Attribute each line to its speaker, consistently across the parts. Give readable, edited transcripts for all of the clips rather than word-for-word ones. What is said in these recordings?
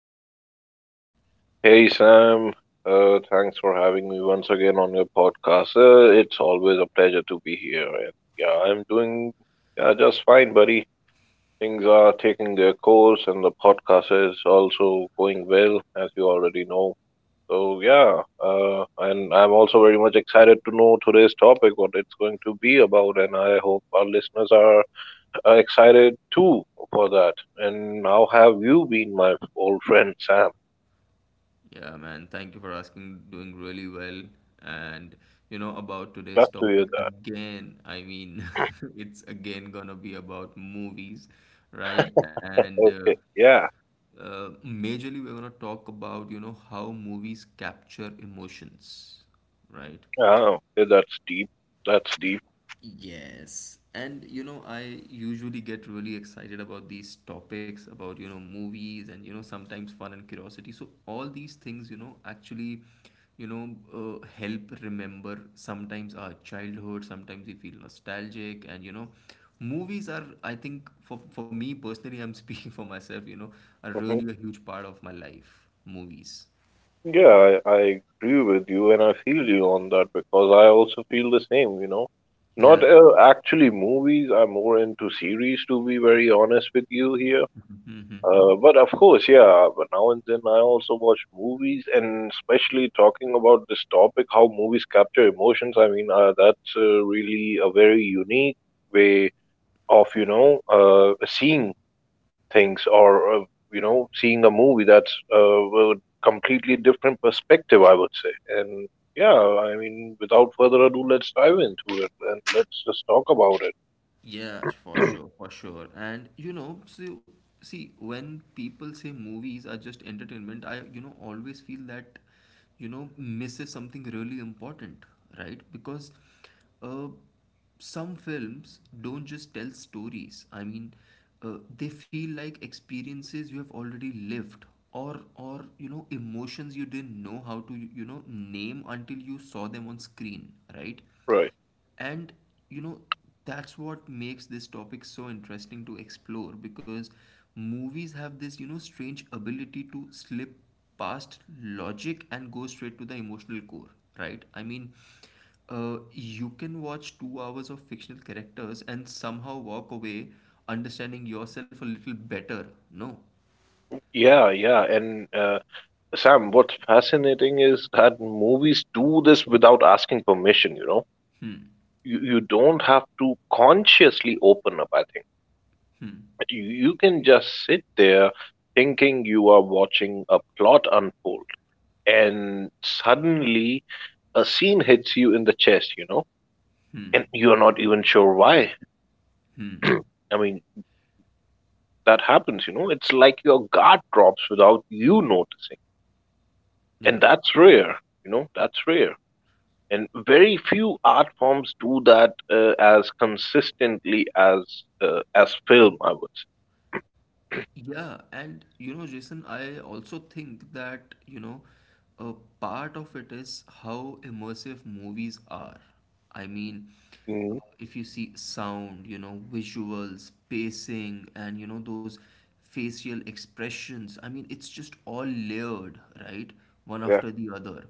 Speaker 1: it going, buddy?
Speaker 2: Hey Sam, thanks for having me once again on your podcast. It's always a pleasure to be here, and yeah, I'm doing, yeah, just fine, buddy. Things are taking their course, and the podcast is also going well, as you already know. So yeah, and I'm also very much excited to know today's topic, what it's going to be about, and I hope our listeners are excited too for that. And how have you been, my old friend Sam?
Speaker 1: Yeah, man, thank you for asking. Doing really well. And you know, about
Speaker 2: Glad
Speaker 1: today's
Speaker 2: to hear
Speaker 1: topic
Speaker 2: that.
Speaker 1: again, it's again gonna be about movies, right? And
Speaker 2: Okay. Yeah.
Speaker 1: Majorly, we're gonna talk about, you know, how movies capture emotions, right?
Speaker 2: Oh, yeah, that's deep. That's deep.
Speaker 1: Yes. And you know, I usually get really excited about these topics about, you know, movies and, you know, sometimes fun and curiosity. So all these things, you know, actually, you know, help remember sometimes our childhood, sometimes we feel nostalgic and, you know, movies are, I think for me personally, I'm speaking for myself, you know, are
Speaker 2: hmm
Speaker 1: really a huge part of my life, movies.
Speaker 2: Yeah, I agree with you and I feel you on that because I also feel the same. Not
Speaker 1: Yeah.
Speaker 2: actually movies, I'm more into series to be very honest with you here.
Speaker 1: Mm-hmm.
Speaker 2: But of course, yeah, but now and then I also watch movies and especially talking about this topic, how movies capture emotions. I mean, that's really a very unique way of, seeing things or seeing a movie that's a completely different perspective, I would say. And yeah, I mean, without further ado, let's dive into it and let's just talk about it.
Speaker 1: Yeah, for sure, for sure. And you know, so see, when people say movies are just entertainment, I, you know, always feel that, you know, misses something really important, right? Because uh, some films don't just tell stories. They feel like experiences you have already lived, or you know, emotions you didn't know how to, you know, name until you saw them on screen, right?
Speaker 2: Right.
Speaker 1: And you know, that's what makes this topic so interesting to explore because movies have this, you know, strange ability to slip past logic and go straight to the emotional core, right? You can watch 2 hours of fictional characters and somehow walk away understanding yourself a little better. No.
Speaker 2: Yeah, yeah. And Sam, what's fascinating is that movies do this without asking permission, you know.
Speaker 1: Hmm.
Speaker 2: You don't have to consciously open up, I think.
Speaker 1: Hmm.
Speaker 2: You can just sit there thinking you are watching a plot unfold, and suddenly a scene hits you in the chest, and you're not even sure why. I mean, that happens. It's like your guard drops without you noticing.
Speaker 1: Yeah.
Speaker 2: And that's rare, that's rare. And very few art forms do that as consistently as film, I would say.
Speaker 1: Yeah, and you know, Jason, I also think that, you know, a part of it is how immersive movies are. I mean,
Speaker 2: hmm
Speaker 1: if you see sound, you know, visuals, pacing, and, you know, those facial expressions, I mean, it's just all layered, right? One
Speaker 2: Yeah,
Speaker 1: after the other.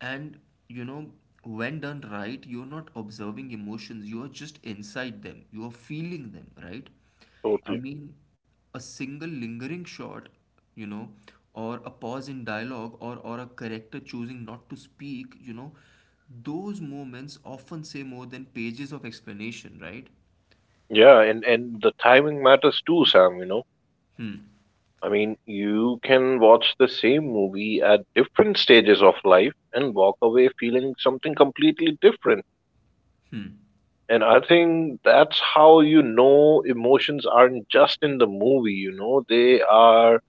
Speaker 1: And, you know, when done right, you're not observing emotions, you are just inside them, you are feeling them, right? I
Speaker 2: totally.
Speaker 1: mean, a single lingering shot, you know, or a pause in dialogue, or a character choosing not to speak, you know, those moments often say more than pages of explanation, right?
Speaker 2: Yeah, and the timing matters too, Sam,
Speaker 1: Hmm.
Speaker 2: I mean, you can watch the same movie at different stages of life and walk away feeling something completely different. And I think that's how you know emotions aren't just in the movie, they are,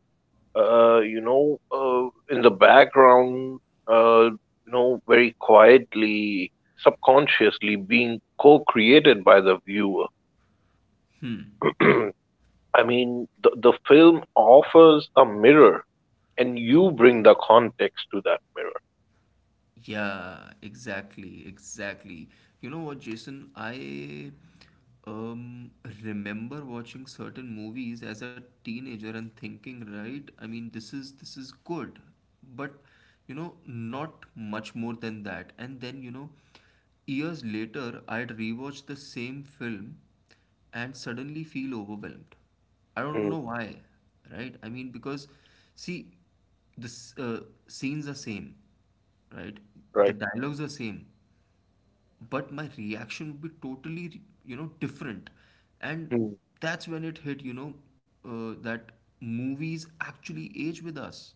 Speaker 2: in the background, uh, very quietly, subconsciously being co created by the viewer.
Speaker 1: hmm.
Speaker 2: I mean, the film offers a mirror, and you bring the context to that mirror.
Speaker 1: Yeah, exactly, exactly. You know what, Jason? I um remember watching certain movies as a teenager and thinking, right? I mean, this is good, but you know, not much more than that. And then, you know, years later, I'd rewatch the same film and suddenly feel overwhelmed. I don't know
Speaker 2: Mm.
Speaker 1: why, right? I mean, because see, the scenes are same, right,
Speaker 2: Right.
Speaker 1: the dialogues are same, but my reaction would be totally, you know, different. And
Speaker 2: Mm.
Speaker 1: that's when it hit, you know, that movies actually age with us.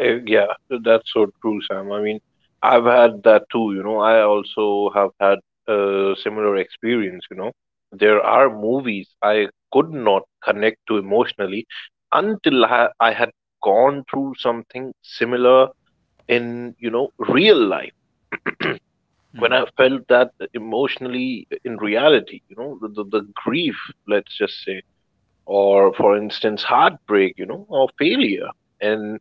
Speaker 2: Yeah, that's so true, Sam. I mean, I've had that too. I also have had a similar experience. There are movies I could not connect to emotionally until I had gone through something similar in real life. When I felt that emotionally in reality, the grief, let's just say, or for instance heartbreak or failure. and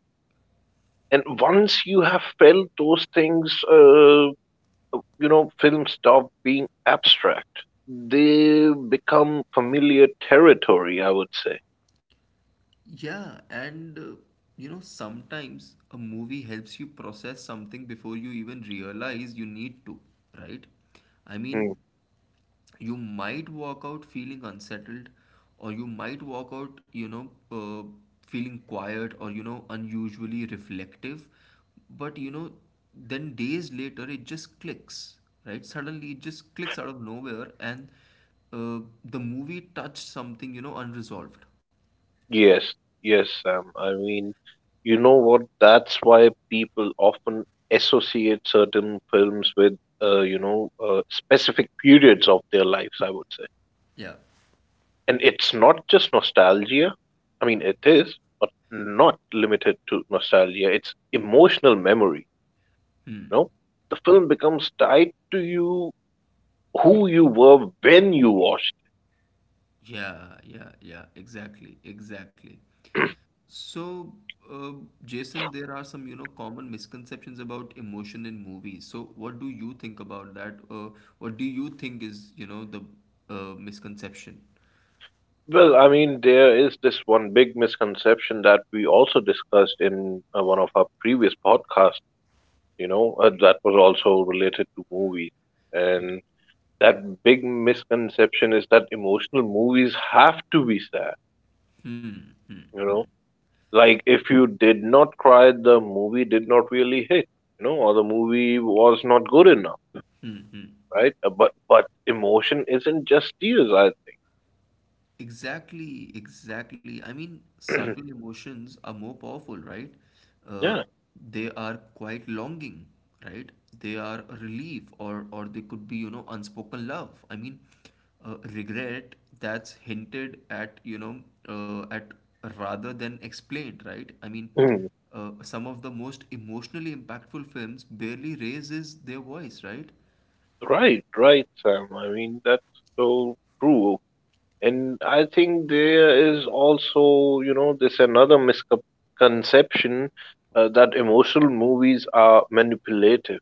Speaker 2: and once you have felt those things, films stop being abstract. They become familiar territory, I would say.
Speaker 1: Yeah, and You know, sometimes a movie helps you process something before you even realize you need to, right? I mean,
Speaker 2: Mm.
Speaker 1: you might walk out feeling unsettled, or you might walk out, you know, feeling quiet or, you know, unusually reflective. But, you know, then days later it just clicks, right? Suddenly it just clicks out of nowhere, and the movie touched something, you know, unresolved.
Speaker 2: Yes, yes, Sam. I mean, you know what? That's why people often associate certain films with, specific periods of their lives, I would say.
Speaker 1: Yeah.
Speaker 2: And it's not just nostalgia. I mean, it is, but not limited to nostalgia. It's emotional memory. You know, the film becomes tied to you, who you were when you watched.
Speaker 1: Yeah, yeah, yeah, exactly, exactly. So, uh, Jason, there are some, you know, common misconceptions about emotion in movies. So, what do you think about that? What do you think is, you know, the misconception?
Speaker 2: It. Well, I mean, there is this one big misconception that we also discussed in one of our previous podcasts. That was also related to movies,
Speaker 1: Yeah.
Speaker 2: and that big misconception is that emotional movies have to be sad.
Speaker 1: Hmm.
Speaker 2: You know Like, if you did not cry, the movie did not really hit, or the movie was not good enough,
Speaker 1: Hmm, hmm.
Speaker 2: right? But emotion isn't just tears, I think.
Speaker 1: Exactly, exactly. I mean, subtle emotions are more powerful, right? Uh,
Speaker 2: Yeah.
Speaker 1: they are quite longing, right? They are a relief, or they could be, you know, unspoken love. Regret that's hinted at, you know, at rather than explained, right?
Speaker 2: Mm.
Speaker 1: Some of the most emotionally impactful films barely raises their voice, right?
Speaker 2: Right, right, Sam. I mean, that's so true. And I think there is also, this another misconception that emotional movies are manipulative.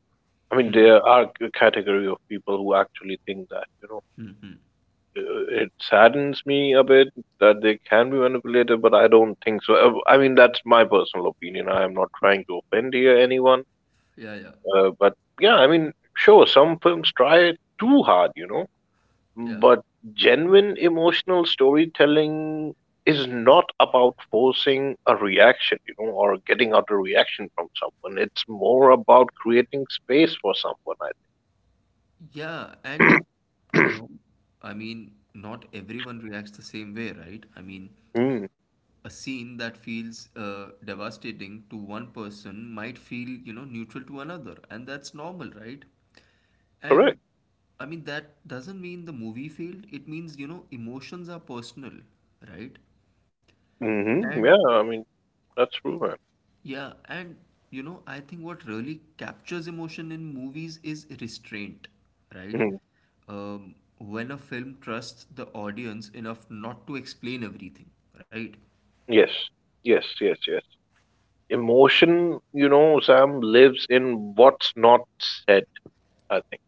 Speaker 2: I mean,
Speaker 1: Hmm.
Speaker 2: there are a category of people who actually think that,
Speaker 1: hmm, hmm.
Speaker 2: uh, it saddens me a bit that they can be manipulated, but I don't think so. I mean, that's my personal opinion. I am not trying to offend here anyone.
Speaker 1: Yeah, yeah,
Speaker 2: But yeah, I mean, sure, some films try it too hard.
Speaker 1: yeah.
Speaker 2: But genuine emotional storytelling is not about forcing a reaction, or getting out a reaction from someone. It's more about creating space for someone, I
Speaker 1: Yeah, and
Speaker 2: think.
Speaker 1: you know, I mean, not everyone reacts the same way, right? I mean,
Speaker 2: Mm,
Speaker 1: a scene that feels devastating to one person might feel, you know, neutral to another, and that's normal, right?
Speaker 2: correct.
Speaker 1: And I mean, that doesn't mean the movie failed. It means, you know, emotions are personal, right? And
Speaker 2: Hmm, yeah, I mean, that's true, man.
Speaker 1: yeah, and you know, I think what really captures emotion in movies is restraint, right?
Speaker 2: Hmm.
Speaker 1: When a film trusts the audience enough not to explain everything, right?
Speaker 2: Yes, yes, yes, yes. Emotion, Sam, lives in what's not said, I think.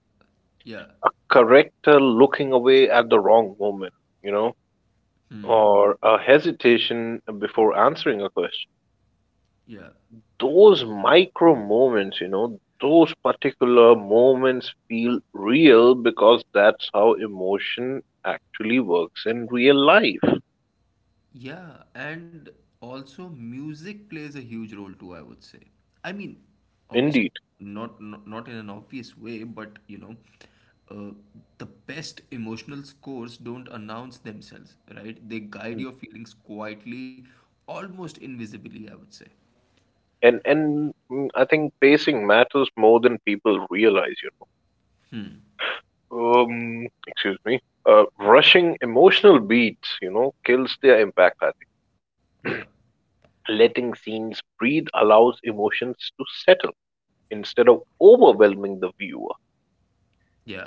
Speaker 1: Yeah,
Speaker 2: A character looking away at the wrong moment, you know, or a hesitation before answering a question.
Speaker 1: yeah.
Speaker 2: Those micro moments, those particular moments feel real because that's how emotion actually works in real life.
Speaker 1: Yeah, and also music plays a huge role too, I would say. I mean, obviously
Speaker 2: Indeed.
Speaker 1: not in an obvious way, but you know, uh, the best emotional scores don't announce themselves, right? They guide your feelings quietly, almost invisibly, I would say.
Speaker 2: And I think pacing matters more than people realize. Excuse me. Rushing emotional beats, kills their impact, I
Speaker 1: Yeah,
Speaker 2: think. Letting scenes breathe allows emotions to settle instead of overwhelming the viewer.
Speaker 1: yeah,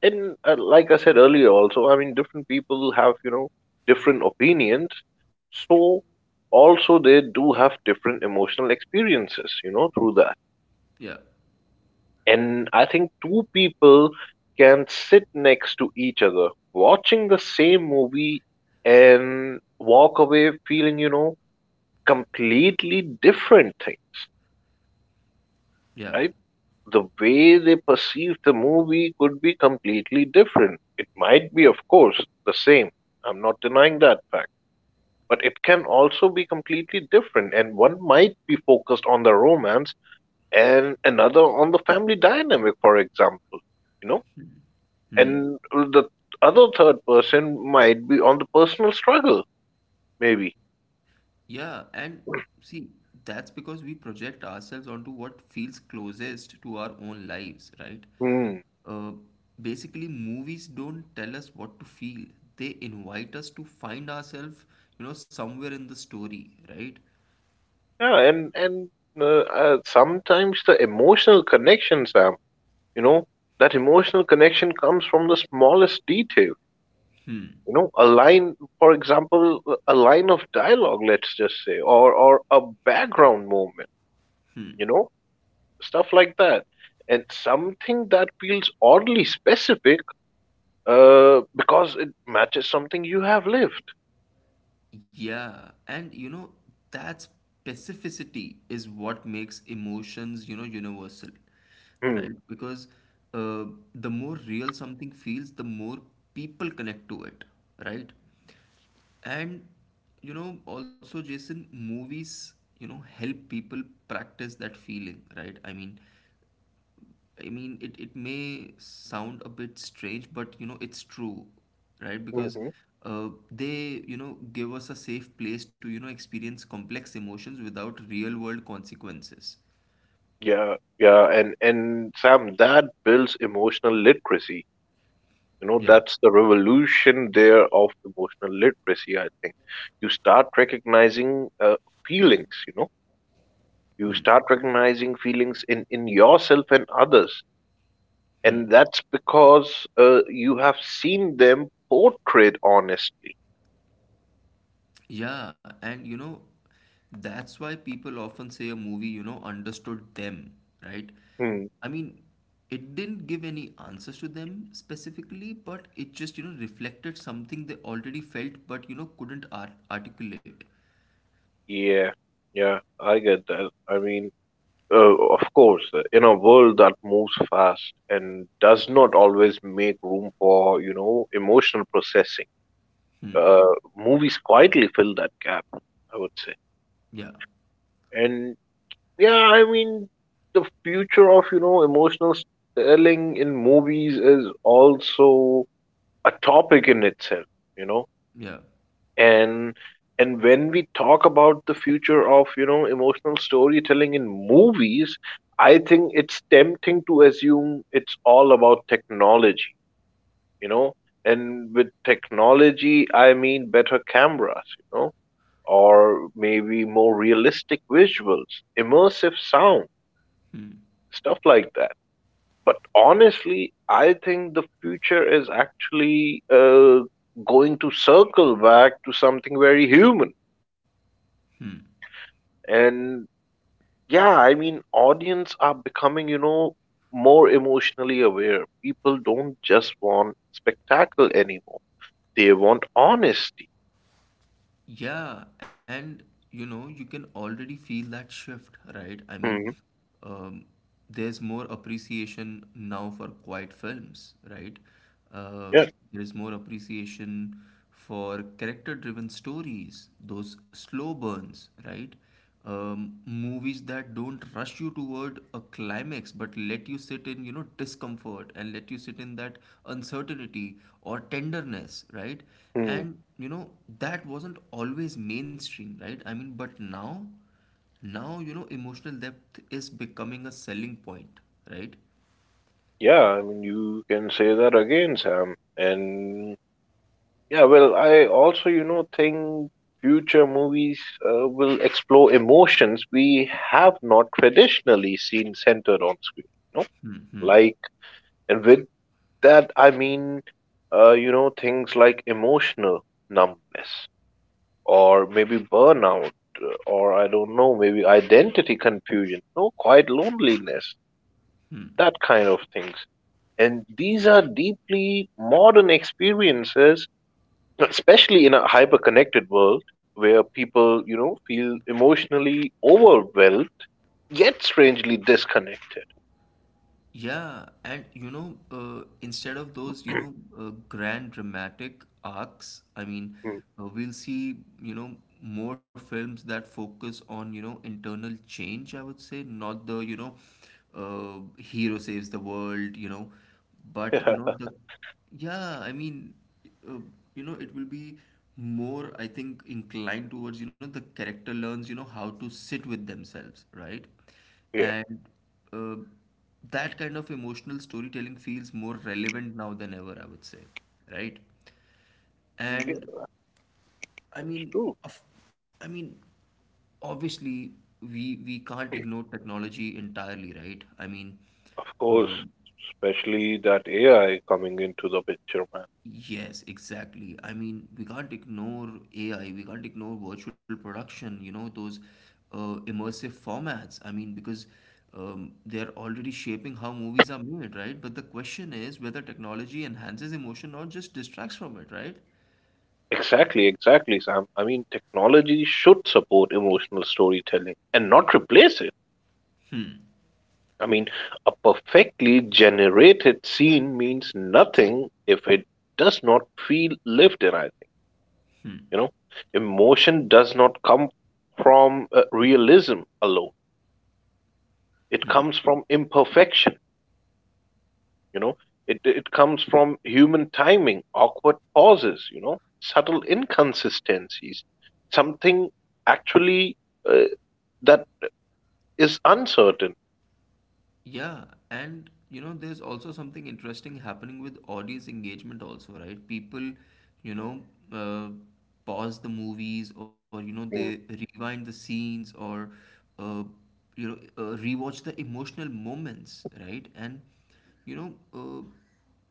Speaker 2: And like I said earlier, also, I mean, different people have, different opinions. So, also, they do have different emotional experiences, through that.
Speaker 1: yeah,
Speaker 2: And I think two people can sit next to each other watching the same movie and walk away feeling, completely different things,
Speaker 1: yeah.
Speaker 2: right? The way they perceive the movie could be completely different. It might be, of course, the same. I'm not denying that fact. But it can also be completely different, and one might be focused on the romance and another on the family dynamic, for example. You know,
Speaker 1: Hmm.
Speaker 2: And the other third person might be on the personal struggle, maybe.
Speaker 1: Yeah, and see, that's because we project ourselves onto what feels closest to our own lives, right?
Speaker 2: Hmm.
Speaker 1: Uh, Basically, movies don't tell us what to feel. They invite us to find ourselves, you know, somewhere in the story, right?
Speaker 2: Yeah, and sometimes the emotional connection, Sam, you know, that emotional connection comes from the smallest detail.
Speaker 1: Hmm.
Speaker 2: A line, for example, a line of dialogue, let's just say, or a background moment. You know, Stuff like that, and something that feels oddly specific, because it matches something you have lived.
Speaker 1: Yeah, and you know, that specificity is what makes emotions, you know, universal,
Speaker 2: Hmm.
Speaker 1: right? Because uh, the more real something feels, the more people connect to it, right? And you know, also, Jason, movies, you know, help people practice that feeling, right? I mean, it, it may sound a bit strange, but you know, it's true, right? Because
Speaker 2: Hmm,
Speaker 1: uh, they, you know, give us a safe place to, you know, experience complex emotions without real world consequences.
Speaker 2: yeah, yeah, and Sam, that builds emotional literacy.
Speaker 1: Yeah.
Speaker 2: That's the revolution there of emotional literacy, I think. You start recognizing feelings, you start recognizing feelings in yourself and others, and
Speaker 1: Hmm.
Speaker 2: that's because you have seen them portrayed honestly.
Speaker 1: Yeah. And, you know, that's why people often say a movie, you know, understood them, right?
Speaker 2: Hmm.
Speaker 1: I mean, it didn't give any answers to them specifically, but it just, you know, reflected something they already felt but, you know, couldn't articulate.
Speaker 2: Yeah, yeah, I get that. I mean, of course, in a world that moves fast and does not always make room for, emotional processing,
Speaker 1: Hmm.
Speaker 2: movies quietly fill that gap, I would say.
Speaker 1: Yeah,
Speaker 2: And yeah, I mean, the future of, emotional storytelling in movies is also a topic in itself, you know
Speaker 1: yeah.
Speaker 2: and and when we talk about the future of emotional storytelling in movies, I think it's tempting to assume it's all about technology you know and with technology, I mean better cameras, or maybe more realistic visuals, immersive sound,
Speaker 1: Hmm.
Speaker 2: stuff like that. But honestly, I think the future is actually going to circle back to something very human.
Speaker 1: Hmm.
Speaker 2: And yeah, I mean, audience are becoming, more emotionally aware. People don't just want spectacle anymore. They want honesty.
Speaker 1: Yeah, and you know, you can already feel that shift, right? I mean,
Speaker 2: Hmm,
Speaker 1: um, there's more appreciation now for quiet films, right? Uh,
Speaker 2: yeah.
Speaker 1: there's more appreciation for character-driven stories, those slow burns, right? Um, movies that don't rush you toward a climax but let you sit in, you know, discomfort, and let you sit in that uncertainty or tenderness, right?
Speaker 2: Hmm.
Speaker 1: And you know, that wasn't always mainstream, right? I mean, but now, you know, emotional depth is becoming a selling point, right?
Speaker 2: Yeah, I mean, you can say that again, Sam. And yeah, well, I also, think future movies will explore emotions we have not traditionally seen centered on screen. You know,
Speaker 1: Hmm hmm
Speaker 2: like and with that I mean, things like emotional numbness or maybe burnout or I don't know, maybe identity confusion, no, quite loneliness,
Speaker 1: hmm
Speaker 2: that kind of things. And these are deeply modern experiences, especially in a hyper connected world where people, feel emotionally overwhelmed yet strangely disconnected.
Speaker 1: Yeah, and you know, instead of those, you know, grand dramatic arcs, we'll see, you know, more films that focus on, you know, internal change, I would say, not the, you know, hero saves the world, you know, but, you
Speaker 2: Yeah,
Speaker 1: know, the, yeah, uh, you know, it will be more, I think, inclined towards, you know, the character learns, you know, how to sit with themselves, right?
Speaker 2: yeah,
Speaker 1: And uh, that kind of emotional storytelling feels more relevant now than ever, I would say, right?
Speaker 2: yes,
Speaker 1: And I mean,
Speaker 2: true.
Speaker 1: of, I mean, obviously we can't ignore technology entirely, right? I mean,
Speaker 2: Of course,
Speaker 1: um,
Speaker 2: especially that AI coming into the picture, man.
Speaker 1: yes, exactly. I mean, we can't ignore AI, we can't ignore virtual production, you know, those immersive formats. I mean, because they're already shaping how movies are made, right? But the question is whether technology enhances emotion or just distracts from it, right?
Speaker 2: Exactly, exactly, Sam. I mean, technology should support emotional storytelling and not replace it. I mean, a perfectly generated scene means nothing if it does not feel lived in, I think.
Speaker 1: Hmm.
Speaker 2: You know, Emotion does not come from realism alone, it
Speaker 1: hmm.
Speaker 2: comes from imperfection. you know it comes from human timing, awkward pauses, subtle inconsistencies, something actually uh, that is uncertain.
Speaker 1: Yeah, and you know, there's also something interesting happening with audience engagement, also, right? People, you know, uh, pause the movies or, you know, they
Speaker 2: Mm.
Speaker 1: rewind the scenes or, uh, rewatch the emotional moments, right? And, you know, uh,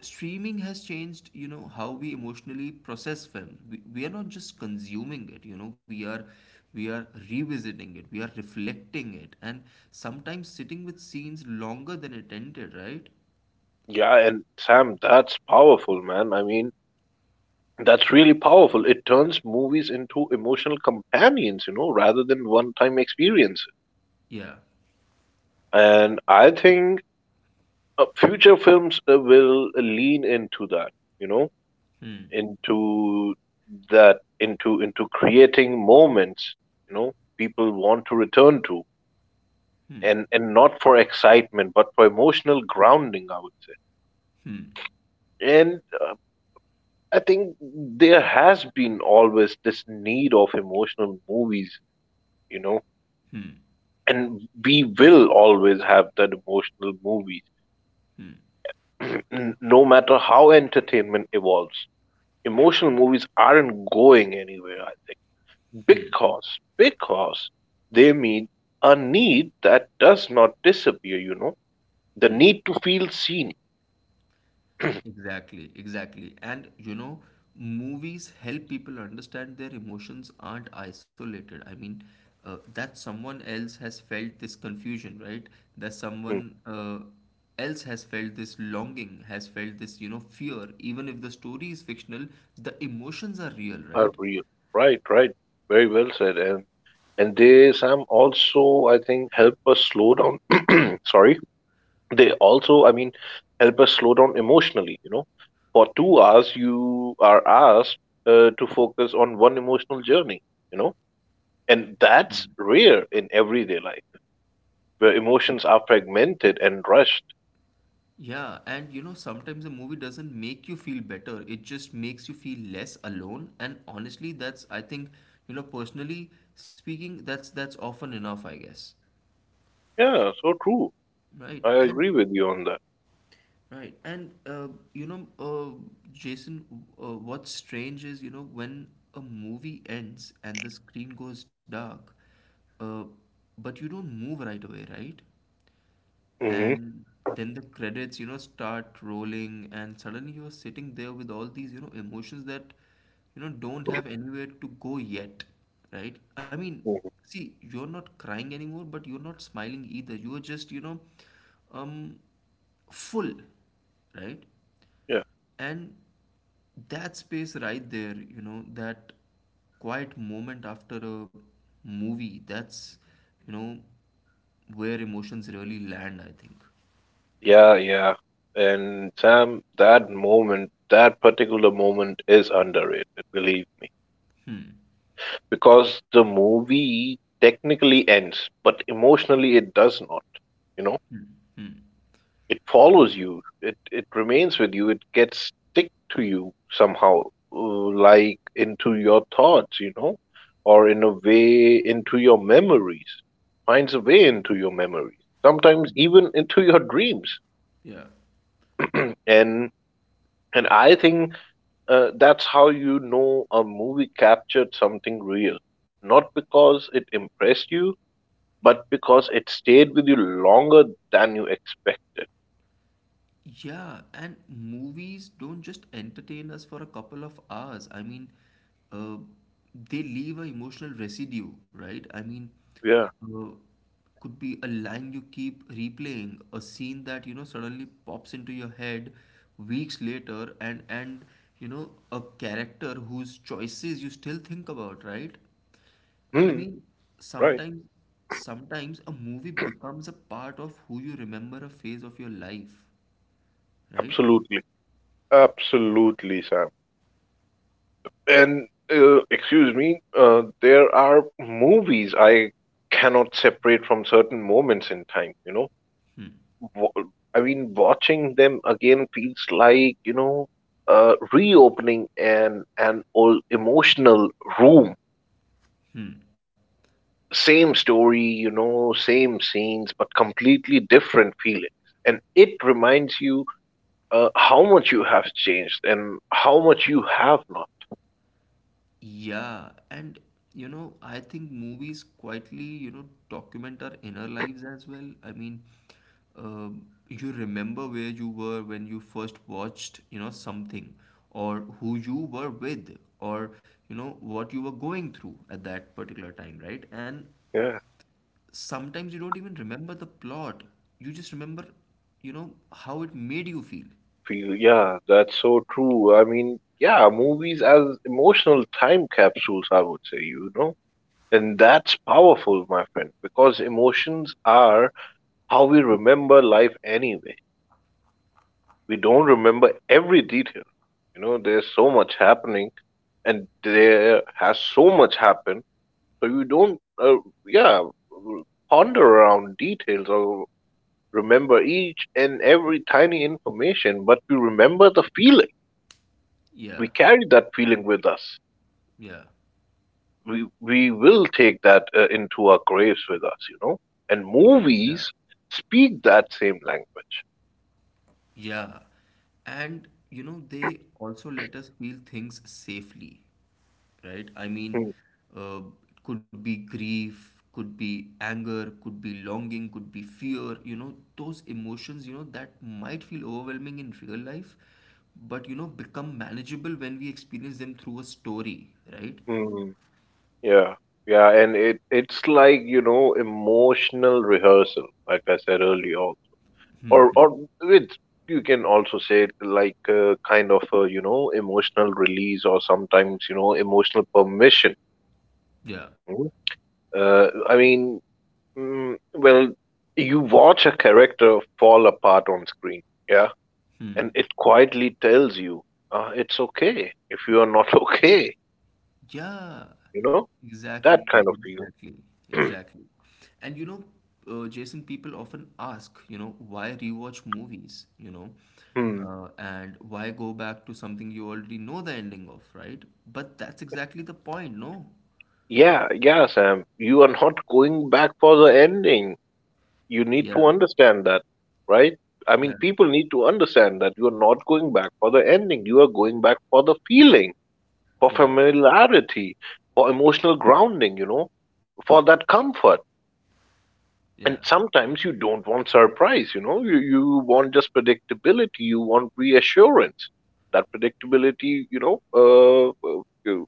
Speaker 1: streaming has changed, you know, how we emotionally process film. We are not just consuming it, you know, we are revisiting it, we are reflecting it, and sometimes sitting with scenes longer than it ended, right?
Speaker 2: Yeah, and Sam, that's powerful, man. I mean, that's really powerful. It turns movies into emotional companions, rather than one time experiences.
Speaker 1: yeah
Speaker 2: And I think future films will lean into that you know
Speaker 1: hmm
Speaker 2: into that, into creating moments you know people want to return to.
Speaker 1: hmm
Speaker 2: And not for excitement but for emotional grounding, I would say.
Speaker 1: hmm
Speaker 2: And I think there has been always this need of emotional movies you know
Speaker 1: hmm
Speaker 2: and we will always have that emotional movies.
Speaker 1: hmm
Speaker 2: No matter how entertainment evolves, emotional movies aren't going anywhere I Because they meet a need that does not disappear, the
Speaker 1: Hmm.
Speaker 2: need to feel seen.
Speaker 1: Exactly, exactly. And you know, movies help people understand their emotions aren't isolated. That someone else has felt this confusion, right? That
Speaker 2: Mm.
Speaker 1: someone else has felt this longing, has felt this, you know, fear. Even if the story is fictional, the emotions are real,
Speaker 2: Are
Speaker 1: right?
Speaker 2: real. Right, right. Very well said. And they, Sam, also I think help us slow down. Sorry. They also I mean help us slow down emotionally, you know, for 2 hours you are asked to focus on one emotional journey, you know, and that's rare in everyday life where emotions are fragmented and rushed.
Speaker 1: Yeah, and you know, sometimes a movie doesn't make you feel better. It just makes you feel less alone. And honestly, that's I think, you know, personally speaking, that's often enough, I guess.
Speaker 2: Yeah, so true.
Speaker 1: Right.
Speaker 2: I
Speaker 1: And
Speaker 2: agree with you on that.
Speaker 1: right. And you know, Jason, what's strange is, you know, when a movie ends and the screen goes dark, uh, but you don't move right away, right?
Speaker 2: Hmm.
Speaker 1: And then the credits, you know, start rolling, and suddenly you're sitting there with all these, you know, emotions that, you know, don't have anywhere to go yet, right? I mean,
Speaker 2: Hmm.
Speaker 1: see, you're not crying anymore, but you're not smiling either. You're just, you know, um, full, right?
Speaker 2: Yeah,
Speaker 1: And that space right there, you know, that quiet moment after a movie, that's, you know, where emotions really land, I think.
Speaker 2: yeah, yeah, and Sam, that moment, that particular moment is underrated, believe me.
Speaker 1: Hmm.
Speaker 2: Because the movie technically ends, but emotionally it does not. You know,
Speaker 1: Hmm. Hmm.
Speaker 2: it follows you. It remains with you. It gets stick to you somehow, like into your thoughts. You know, or in a way into your memories. Finds a way into your memories. Sometimes even into your dreams.
Speaker 1: Yeah.
Speaker 2: And and I think that's how you know a movie captured something real. Not because it impressed you, but because it stayed with you longer than you expected.
Speaker 1: Yeah, and movies don't just entertain us for a couple of hours. Uh, they leave an emotional residue, right?
Speaker 2: Yeah.
Speaker 1: Uh, could be a line you keep replaying, a scene that, you know, suddenly pops into your head weeks later, and you know, a character whose choices you still think about, right? I
Speaker 2: Hmm.
Speaker 1: mean,
Speaker 2: Right.
Speaker 1: sometimes a movie becomes a part of who you remember a phase of your life, right?
Speaker 2: Absolutely. Absolutely, Sam. And excuse me, there are movies I cannot separate from certain moments in time, you know.
Speaker 1: Hmm.
Speaker 2: Wa- I mean, watching them again feels like, you know, reopening an old emotional room.
Speaker 1: Hmm.
Speaker 2: Same story, you know, same scenes, but completely different feelings. And it reminds you how much you have changed and how much you have not.
Speaker 1: Yeah, and you know, I think movies quietly, you know, document our inner lives as well. I mean, uh, you remember where you were when you first watched, you know, something, or who you were with, or you know, what you were going through at that particular time, right? And
Speaker 2: Yeah,
Speaker 1: sometimes you don't even remember the plot. You just remember, you know, how it made you feel.
Speaker 2: feel, yeah, that's so true. I mean, yeah, movies as emotional time capsules, I would say, you know. And that's powerful, my friend, because emotions are how we remember life anyway. We don't remember every detail. You know, there's so much happening, and there has so much happened, so you don't, yeah, ponder around details or remember each and every tiny information, but we remember the feeling.
Speaker 1: Yeah,
Speaker 2: We carry that feeling with us.
Speaker 1: yeah,
Speaker 2: We will take that into our graves with us, you know. And
Speaker 1: yeah,
Speaker 2: movies speak that same language.
Speaker 1: yeah. And, you know, they also let us feel things safely, right? I mean,
Speaker 2: Hmm.
Speaker 1: uh, it could be grief, could be anger, could be longing, could be fear, you know, those emotions, you know, that might feel overwhelming in real life, but, you know, become manageable when we experience them through a story, right?
Speaker 2: Hmm, hmm. Yeah, yeah, and it's like, you know, emotional rehearsal, like I said earlier,
Speaker 1: Hmm, hmm.
Speaker 2: or it's, you can also say it like a kind of a, you know, emotional release, or sometimes, you know, emotional permission.
Speaker 1: Yeah.
Speaker 2: Mhm. I mean, well, you watch a character fall apart on screen, yeah,
Speaker 1: Hmm.
Speaker 2: and it quietly tells you, it's okay if you are not okay,
Speaker 1: Yeah.
Speaker 2: you know, that
Speaker 1: Exactly.
Speaker 2: kind of
Speaker 1: Exactly.
Speaker 2: feeling.
Speaker 1: Exactly. And you know, Jason, people often ask, you know, why rewatch movies, you know,
Speaker 2: Hmm.
Speaker 1: and why go back to something you already know the ending of, right? But that's exactly the point, no?
Speaker 2: Yeah, yeah, Sam. You are not going back for the ending. You need
Speaker 1: Yeah.
Speaker 2: to understand that, right? I mean,
Speaker 1: Yeah.
Speaker 2: people need to understand that you are not going back for the ending. You are going back for the feeling, for
Speaker 1: Yeah.
Speaker 2: familiarity, for emotional grounding, you know, for that comfort.
Speaker 1: Yeah.
Speaker 2: And sometimes you don't want surprise, you know, you want just predictability, you want reassurance. That predictability, you know, uh, uh,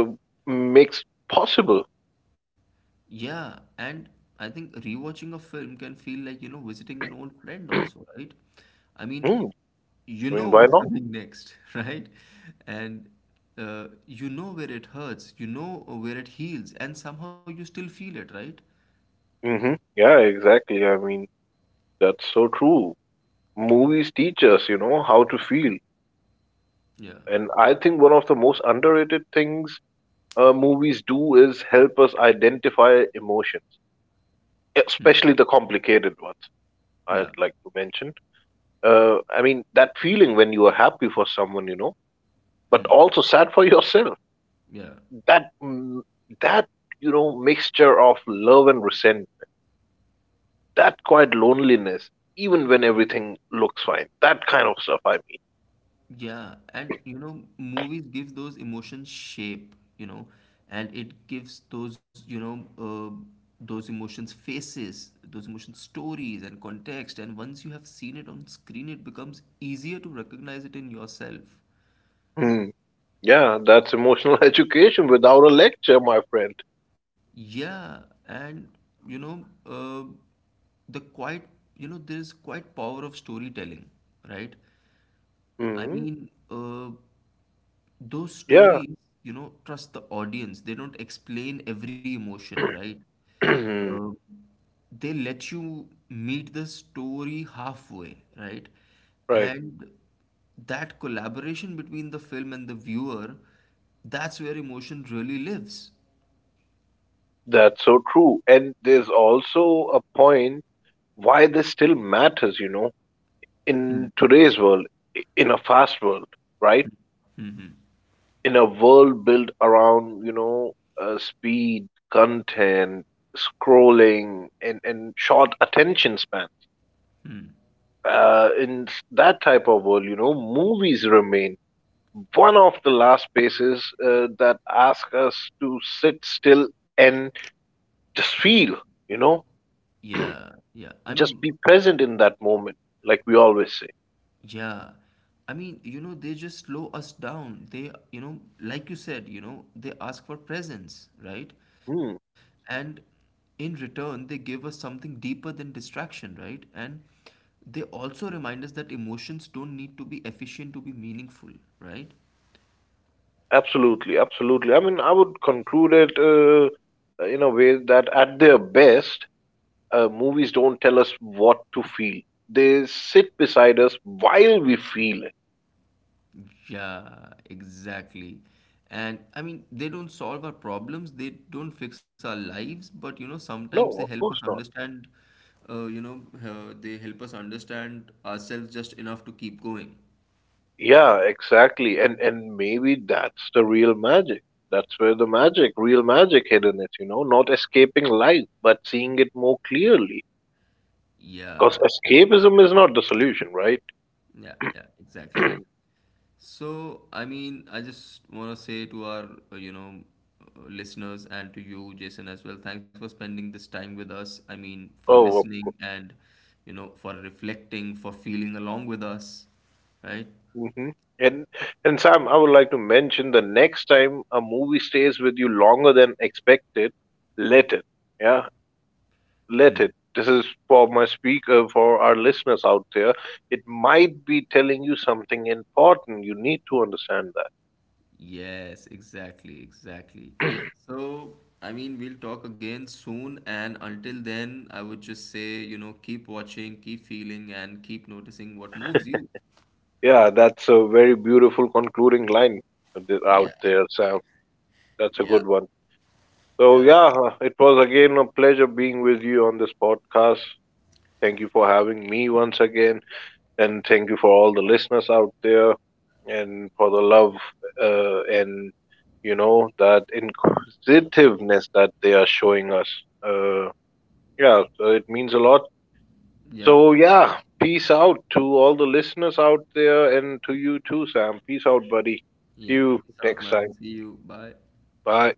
Speaker 2: uh, uh, makes possible.
Speaker 1: Yeah, and I think rewatching a film can feel like, you know, visiting an old friend also, right? I mean,
Speaker 2: Hmm.
Speaker 1: you
Speaker 2: I
Speaker 1: know
Speaker 2: mean, why
Speaker 1: what's
Speaker 2: not?
Speaker 1: coming next, right? And you know where it hurts, you know where it heals, and somehow you still feel it, right?
Speaker 2: Hmm, yeah, exactly. I mean, that's so true. Movies teach us, you know, how to feel.
Speaker 1: Yeah.
Speaker 2: And I think one of the most underrated things movies do is help us identify emotions,
Speaker 1: Hmm.
Speaker 2: especially the complicated ones,
Speaker 1: Yeah.
Speaker 2: I'd like to mention. I mean, that feeling when you are happy for someone, you know, but
Speaker 1: Hmm.
Speaker 2: also sad for yourself.
Speaker 1: Yeah.
Speaker 2: That, mm, that, you know, mixture of love and resentment, that quiet loneliness, even when everything looks fine, that kind of stuff, I mean.
Speaker 1: Yeah, and you know, movies give those emotions shape, you know, and it gives those, you know, those emotions faces, those emotions stories and context. And once you have seen it on screen, it becomes easier to recognize it in yourself.
Speaker 2: Mm. Yeah, that's emotional education without a lecture, my friend.
Speaker 1: Yeah, and you know, the quite, you know, there is quite power of storytelling, right? I
Speaker 2: Mm.
Speaker 1: mean, those
Speaker 2: Yeah.
Speaker 1: stories, you know, trust the audience. They don't explain every emotion, right? Uh, they let you meet the story halfway, right?
Speaker 2: Right.
Speaker 1: And that collaboration between the film and the viewer, that's where emotion really lives.
Speaker 2: That's so true. And there's also a point why this still matters, you know,
Speaker 1: Hmm.
Speaker 2: in today's world, in a fast world, right? In a world built around, you know, speed, content, scrolling, and short attention span. In that type of world, you know, movies remain one of the last places that ask us to sit still and just feel, you know,
Speaker 1: Yeah, yeah. I mean,
Speaker 2: just be present in that moment, like we always say.
Speaker 1: yeah. I mean, you know, they just slow us down. They, you know, like you said, you know, they ask for presence, right?
Speaker 2: Hmm,
Speaker 1: And in return, they give us something deeper than distraction, right? And they also remind us that emotions don't need to be efficient to be meaningful, right?
Speaker 2: absolutely, absolutely. I mean, I would conclude it in a way that at their best, movies don't tell us what to feel. They sit beside us while we feel it.
Speaker 1: Yeah, exactly. And I mean, they don't solve our problems, they don't fix our lives, but you know, sometimes they
Speaker 2: No, of
Speaker 1: help us
Speaker 2: course not.
Speaker 1: understand, you know, they help us understand ourselves just enough to keep going.
Speaker 2: Yeah, exactly. And maybe that's the real magic. That's where the magic, real magic hidden is, you know, not escaping life, but seeing it more clearly. Because
Speaker 1: Yeah, yeah,
Speaker 2: escapism is not the solution, right?
Speaker 1: yeah, yeah, exactly. So, I mean, I just want to say to our, you know, listeners and to you, Jason, as well, thanks for spending this time with us. I mean, for
Speaker 2: Oh, of
Speaker 1: listening
Speaker 2: course.
Speaker 1: and, you know, for reflecting, for feeling along with us, right?
Speaker 2: Hmm. And and Sam, I would like to mention, the next time a movie stays with you longer than expected, let it. Yeah,
Speaker 1: Hmm.
Speaker 2: let it. This is for my speaker, for our listeners out there. It might be telling you something important. You need to understand that.
Speaker 1: Yes, exactly, exactly. So, I mean, we'll talk again soon. And until then, I would just say, you know, keep watching, keep feeling, and keep noticing what moves you.
Speaker 2: Yeah, that's a very beautiful concluding line out
Speaker 1: Yeah,
Speaker 2: there, Sam. That's a
Speaker 1: yeah,
Speaker 2: good one. So,
Speaker 1: yeah,
Speaker 2: yeah, it was again a pleasure being with you on this podcast. Thank you for having me once again, and thank you for all the listeners out there, and for the love and you know that inquisitiveness that they are showing us. Uh, yeah, so it means a lot.
Speaker 1: yeah.
Speaker 2: So, yeah, peace out to all the listeners out there and to you too, Sam. Peace out, buddy. See
Speaker 1: Yeah.
Speaker 2: you
Speaker 1: Peace out,
Speaker 2: next time.
Speaker 1: man. See you. Bye.
Speaker 2: Bye.